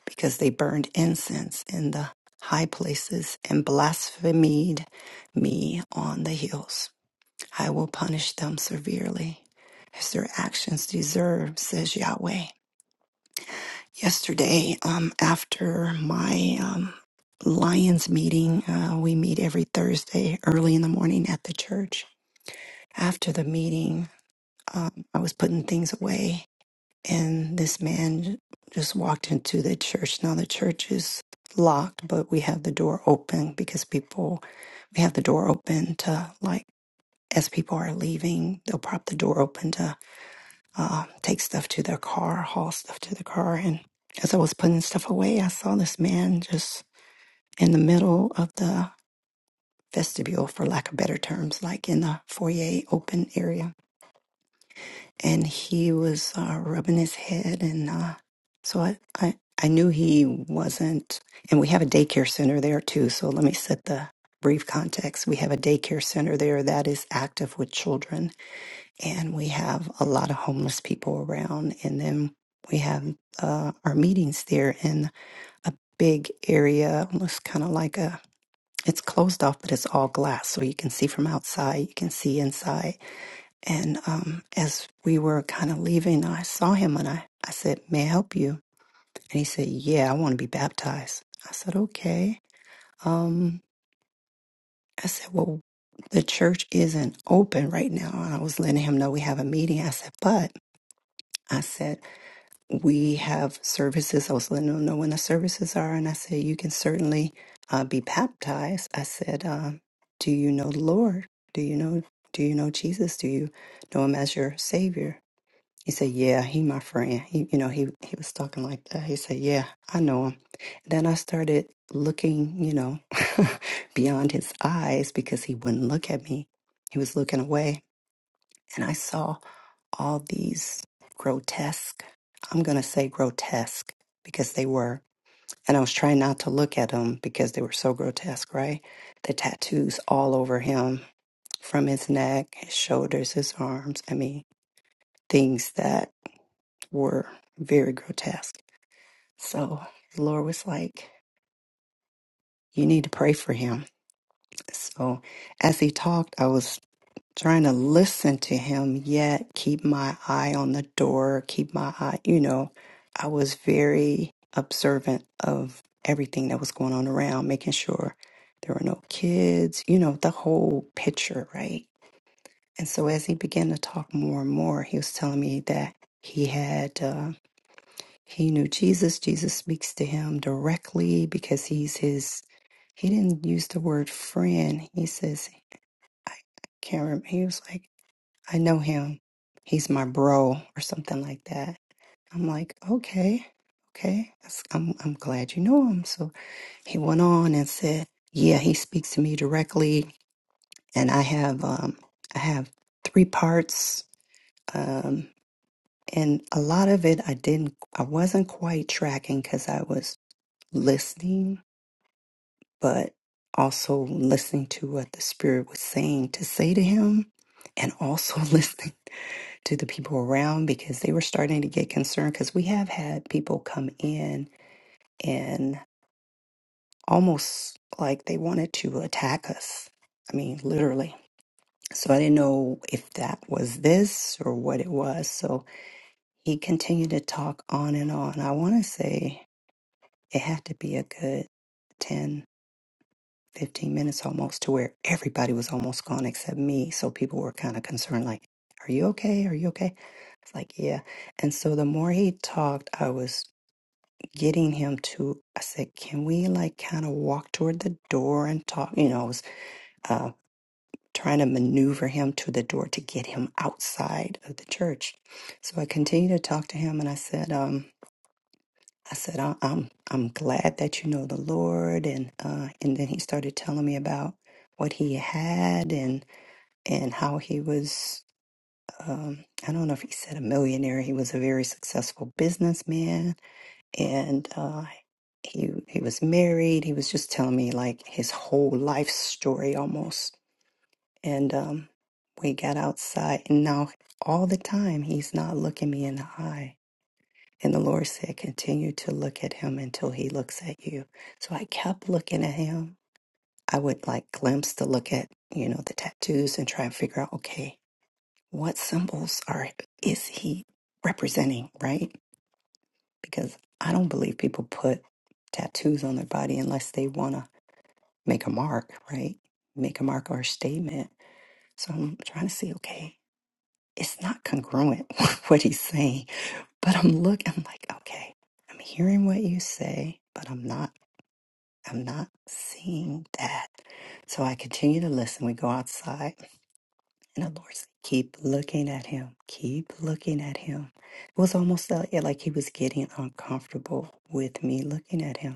because they burned incense in the high places and blasphemed me on the hills. I will punish them severely as their actions deserve, says Yahweh. Yesterday, um, after my um, Lions meeting, uh, we meet every Thursday early in the middle of the vestibule, for lack of better terms, like in the foyer open area. And he was uh, rubbing his head, and uh, so I, I, I knew he wasn't. And we have a daycare center there too. So let me set the brief context. We have a daycare center there that is active with children and we have a lot of homeless people around. And then we have uh, our meetings there and closed off, but it's glass, so you can see from outside. You can see, um, kind of when I, I said, "May I help you?" and he said, "Yeah, I want to be baptized." I said, "Okay." Um, we have services. I was letting them know when the services are, and I said, "You can certainly uh, be baptized." I said, um, "Do you know the Lord? Do you know? Do you know Jesus? Do you know Him as your Savior?" He said, "Yeah, he my friend." He, you know, he he was talking like that. He said, "Yeah, I know him." Then I started looking, you know, beyond his eyes because he wouldn't look at me. He was looking away, and I saw all these grotesque. I'm gonna say grotesque because they were. And I was trying not to look at them because they were so grotesque, right? The tattoos all over him, from his neck, his shoulders, his arms. I mean, things that were very grotesque. So the Lord was like, You need to pray for him. So as he talked, I was trying to listen to him, yet keep my eye on the door, keep my eye, you know, I was very observant of everything that was going on around, making sure there were no kids, you know, the whole picture, right? And so as he began to talk more and more, he was telling me that he had, uh, he knew Jesus. Jesus speaks to him directly because he's his He didn't use the word friend. He says, I I can't remember. He was like, I know him. He's my bro or something like that. I'm like, okay, okay. That's, I'm, I'm glad you know him. So he went on and said, yeah, he speaks to me directly. And I have, um, I have three parts. Um, and a lot of it I didn't, I wasn't quite tracking because I was listening but also listening to what the Spirit was saying to say to him, and also listening to the people around because they were starting to get concerned. Because we have had people come in and almost like they wanted to attack us. I mean, literally. So I didn't know if that was this or what it was. So he continued to talk on and on. I want to say it had to be a good 10 15 minutes almost to where everybody was almost gone except me. So people were kind of concerned, like, Are you okay? Are you okay? It's like, Yeah. And so the more he talked, I was getting him to, I said, Can we like kind of walk toward the door and talk? You know, I was uh, trying to maneuver him to the door to get him outside of the church. So I continued to talk to him and I said, um, I said, "I- I'm I'm glad that you know the Lord, and uh, and then he started telling me about what he had and and how he was. Um, I don't know if he said a millionaire. He was a very successful businessman, and uh, he he was married. He was just telling me like his whole life story almost. And um, we got outside, and now all the time he's not looking me in the eye and the Lord said, Continue to look at him until he looks at you. So I kept looking at him. I would like glimpse to look at, you know, the tattoos and try and figure out, okay, what symbols are is he representing, right? Because I don't believe people put tattoos on their body unless they want to make a mark, right? Make a mark or a statement. So I'm trying to see, okay, it's not congruent with what he's saying But I'm looking, I'm like, okay, I'm hearing what you say, but I'm not, I'm not seeing that. So I continue to listen. We go outside, and the Lord said, keep looking at him, keep looking at him. It was almost like like he was getting uncomfortable with me looking at him.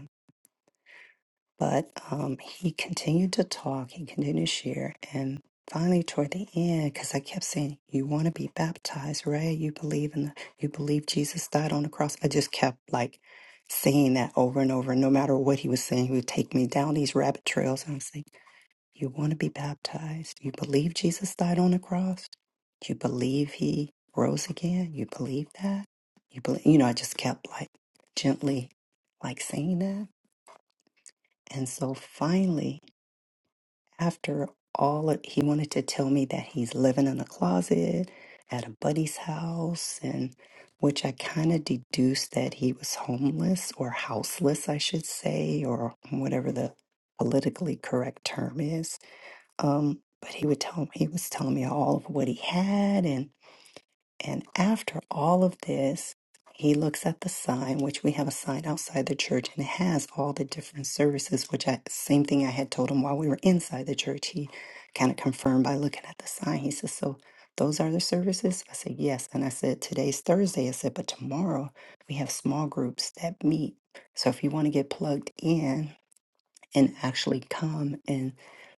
But um, he continued to talk, he continued to share. And finally, toward the end, because I kept saying, You want to be baptized, right? You believe in the, you believe Jesus died on the cross. I just kept like saying that over and over. No matter what he was saying, he would take me down these rabbit trails. And i was like, You want to be baptized? You believe Jesus died on the cross? You believe he rose again? You believe that? You believe, you know, I just kept like gently like saying that. And so finally, after all of, he wanted to tell me that he's living in a closet at a buddy's house and which i kind of deduced that he was homeless or houseless i should say or whatever the politically correct term is um but he would tell me he was telling me all of what he had and. And after all of this, he looks at the sign, which we have a sign outside the church, and it has all the different services, which I, same thing I had told him while we were inside the church. He kind of confirmed by looking at the sign. He says, So those are the services? I said, Yes. And I said, Today's Thursday. I said, But tomorrow we have small groups that meet. So if you want to get plugged in and actually come and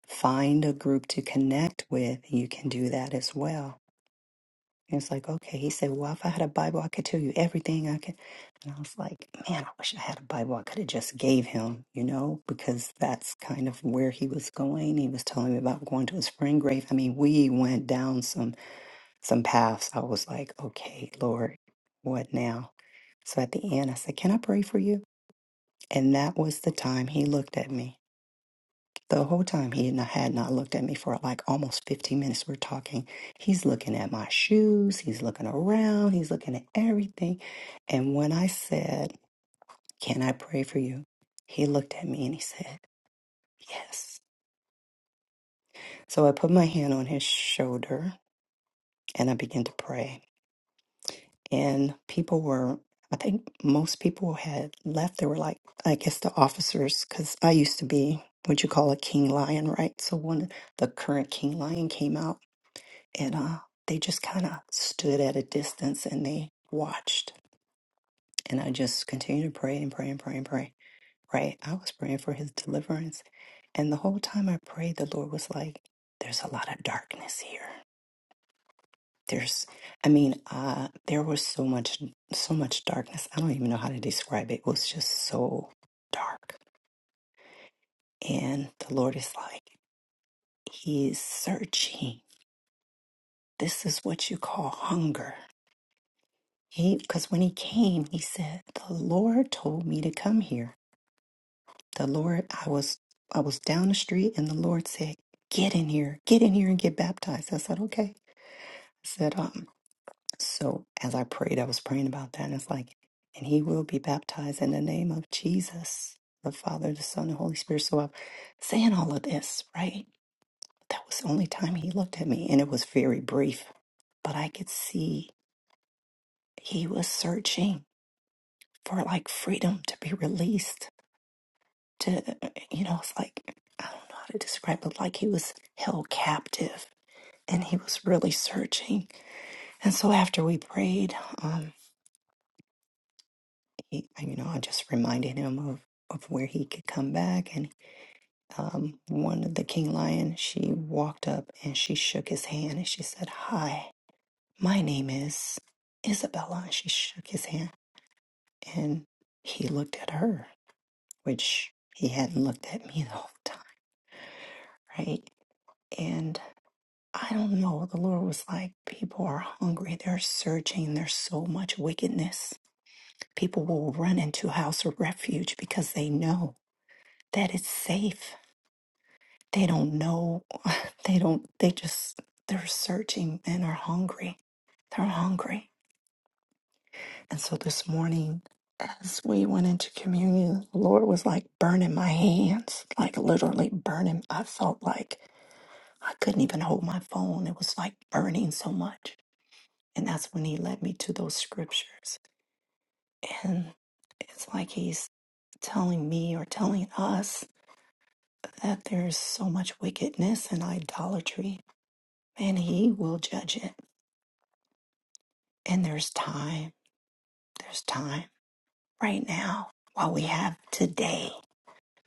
find a group to connect with, you can do that as well. And it's like, okay. He said, Well, if I had a Bible, I could tell you everything I could. And I was like, Man, I wish I had a Bible. I could have just gave him, you know, because that's kind of where he was going. He was telling me about going to a spring grave. I mean, we went down some some paths. I was like, Okay, Lord, what now? So at the end I said, Can I pray for you? And that was the time he looked at me the whole time he had not, had not looked at me for like almost 15 minutes. We're talking. He's looking at my shoes. He's looking around. He's looking at everything. And when I said, Can I pray for you? He looked at me and he said, Yes. So I put my hand on his shoulder and I began to pray. And people were, I think most people had left. They were like, I guess the officers, because I used to be what you call a king lion, right? So one, the current king lion came out and uh, they just kind of stood at a distance and they watched. And I just continued to pray and pray and pray and pray. Right? I was praying for his deliverance, and the whole time I prayed, the Lord was like, "There's a lot of darkness here. There's, I mean, uh, there was so much, so much darkness. I don't even know how to describe it. It was just so dark." And the Lord is like, He's searching. This is what you call hunger. He, because when he came, he said, "The Lord told me to come here. The Lord, I was, I was down the street, and the Lord said, get in here, get in here, and get baptized." I said, "Okay." I said, "Um." So as I prayed, I was praying about that, and it's like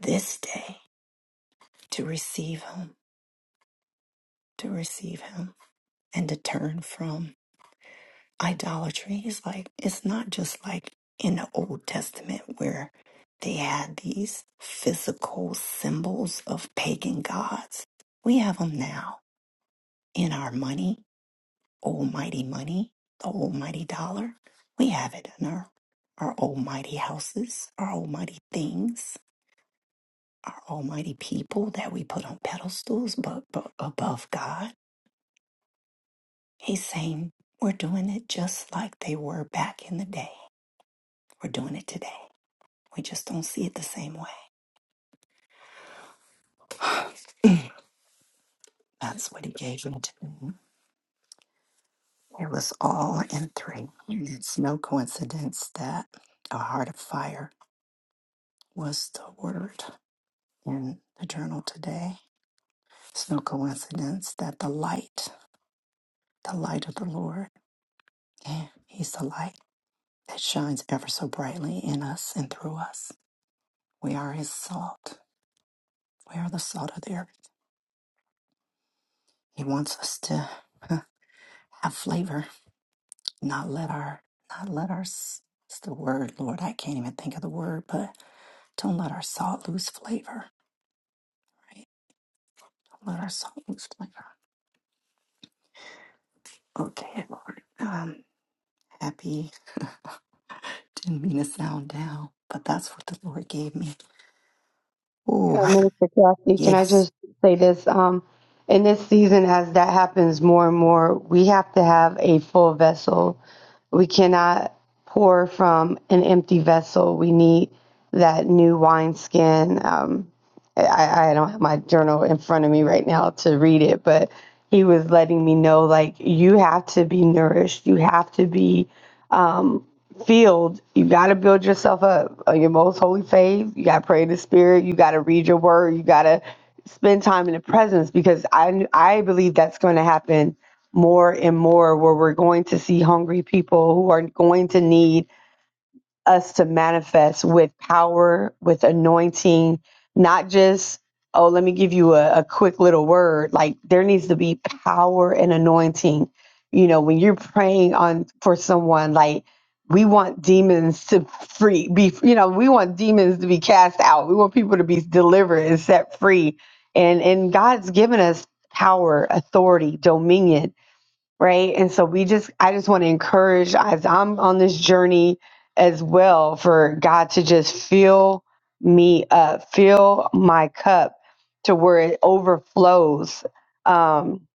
this day to receive Him, to receive Him, and to turn from. idolatry is like it's not just like in the old testament where they had these physical symbols of pagan gods we have them now in our money almighty money the almighty dollar we have it in our our almighty houses our almighty things our almighty people that we put on pedestals but, but above god he's saying we're doing it just like they were back in the day we're doing it today We just don't see it the same way. That's what he gave me to me. It was all in three. And It's no coincidence that a heart of fire was the word in the journal today. It's no coincidence that the light, the light of the Lord, yeah, he's the light that shines ever so brightly in us and through us. We are his salt. We are the salt of the earth. He wants us to huh, have flavor. not let our not let our s- what's the word lord i can't even think of the word but don't let our salt lose flavor right don't let our salt lose flavor okay lord um happy didn't mean to sound down but that's what the lord gave me
Uh,
oh
Minister Kathy, can I
yes
just say this? Um, in this season, as that happens more and more, we have to have a full vessel. We cannot pour from an empty vessel. We need that new wineskin. Um, I, I don't have my journal in front of me right now to read it, but he was letting me know like, you have to be nourished. You have to be um, field, you got to build yourself up on your most holy faith. You got to pray in the spirit. You got to read your word. You got to spend time in the presence because I, I believe that's going to happen more and more where we're going to see hungry people who are going to need us to manifest with power, with anointing, not just, oh, let me give you a, a quick little word. Like there needs to be power and anointing. You know, when you're praying on for someone, like we want demons to free be you know, we want demons to be cast out. We want people to be delivered and set free. And and God's given us power, authority, dominion right? And so we just, I just want to encourage as I'm on this journey as well for God to just fill me up, fill my cup to where it overflows. Um,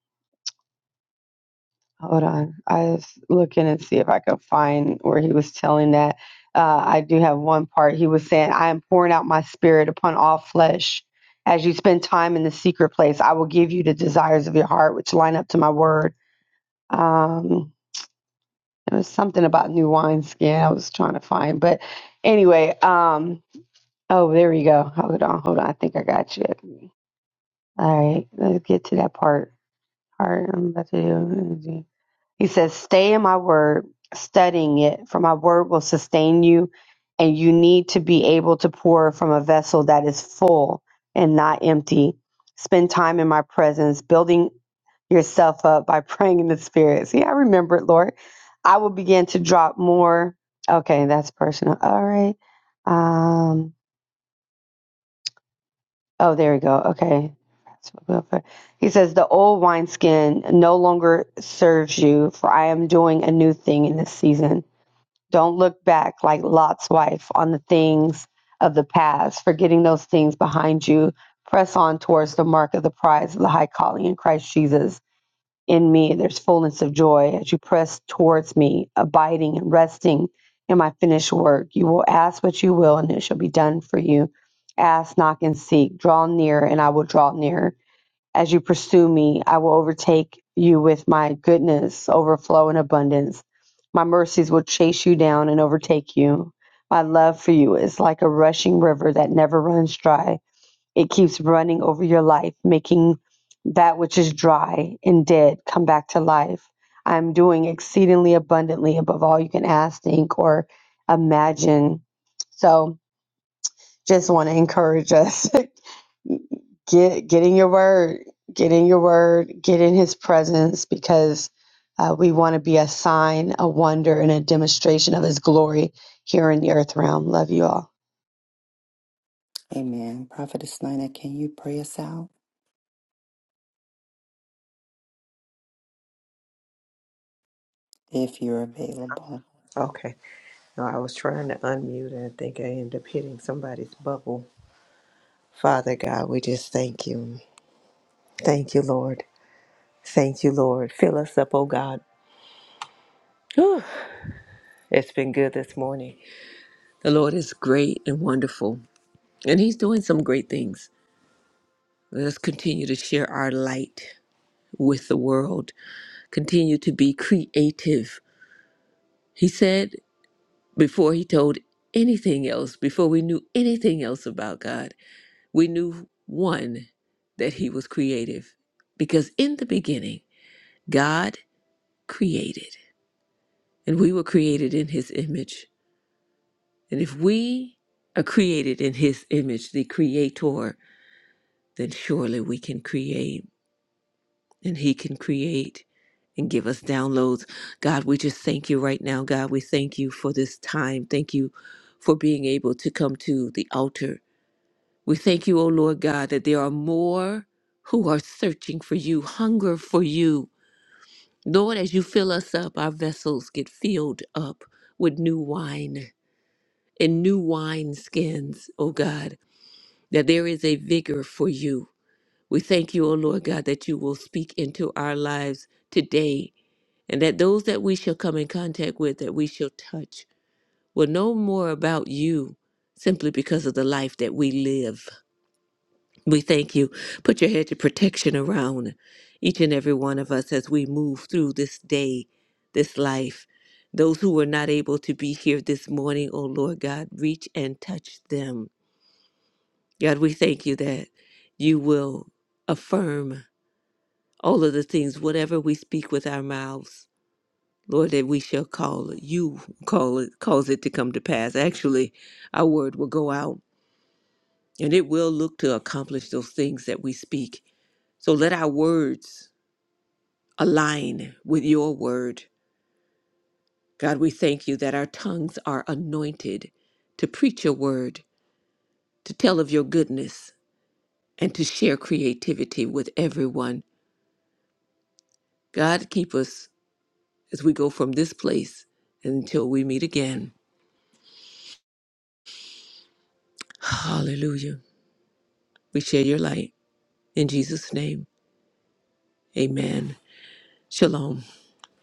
hold on, I was looking and see if I could find where he was telling that. Uh, I do have one part. He was saying, I am pouring out my spirit upon all flesh. As you spend time in the secret place, I will give you the desires of your heart, which line up to my word. Um, It was something about new wineskin I was trying to find. But anyway, um, oh, there you go. Hold on, hold on. I think I got you. All right, let's get to that part. All right, I'm about to do it. He says, Stay in my word, studying it, for my word will sustain you, and you need to be able to pour from a vessel that is full and not empty. Spend time in my presence, building yourself up by praying in the spirit. See, I remember it, Lord. I will begin to drop more. Okay, that's personal. All right. Um, Oh, there we go. Okay. He says, The old wineskin no longer serves you, for I am doing a new thing in this season. Don't look back like Lot's wife on the things of the past, forgetting those things behind you. Press on towards the mark of the prize of the high calling in Christ Jesus in me there's fullness of joy as you press towards me abiding and resting in my finished work you will ask what you will and it shall be done for you ask knock and seek draw near and i will draw near as you pursue me i will overtake you with my goodness overflow and abundance my mercies will chase you down and overtake you my love for you is like a rushing river that never runs dry it keeps running over your life, making that which is dry and dead come back to life. I'm doing exceedingly abundantly above all you can ask, think, or imagine. So just want to encourage us get get in your word get in your word get in his presence because uh, we want to be a sign a wonder and a demonstration of his glory here in the earth realm love you all
amen prophetess nina can you pray us out if you're available
Okay. No, I was trying to unmute and I think I ended up hitting somebody's bubble. Father God, we just thank you. Thank you, Lord. Thank you, Lord. Fill us up, oh God. Whew, it's been good this morning. The Lord is great and wonderful, and He's doing some great things. Let us continue to share our light with the world, continue to be creative He said before he told anything else, before we knew anything else about God, we knew one, that he was creative. Because in the beginning, God created, and we were created in his image. And if we are created in his image, the creator, then surely we can create. and He can create and give us downloads. God, we just thank you right now. God, we thank you for this time. Thank you for being able to come to the altar. We thank you, O Lord God, that there are more who are searching for you, hunger for you. Lord, as you fill us up, our vessels get filled up with new wine and new wine skins, O God, that there is a vigor for you. We thank you, O Lord God, that you will speak into our lives today and that those that we shall come in contact with, that we shall touch, will know more about you simply because of the life that we live. We thank you. Put your hedge of protection around each and every one of us as we move through this day, this life. Those who were not able to be here this morning, oh Lord God, reach and touch them. God, we thank you that you will affirm all of the things, whatever we speak with our mouths Lord, that we shall call it, you call it, cause it to come to pass. Actually, our word will go out and it will look to accomplish those things that we speak. So let our words align with your word. God, we thank you that our tongues are anointed to preach your word, to tell of your goodness, and to share creativity with everyone. God, keep us as we go from this place until we meet again. Hallelujah. We share your light. In Jesus' name. Amen. Shalom.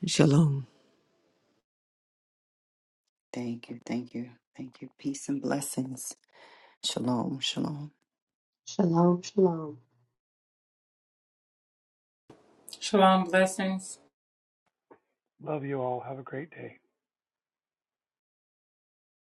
Shalom.
thank you thank you thank you peace and blessings shalom shalom
Shalom, shalom.
Shalom, blessings.
Love you all. Have a great day.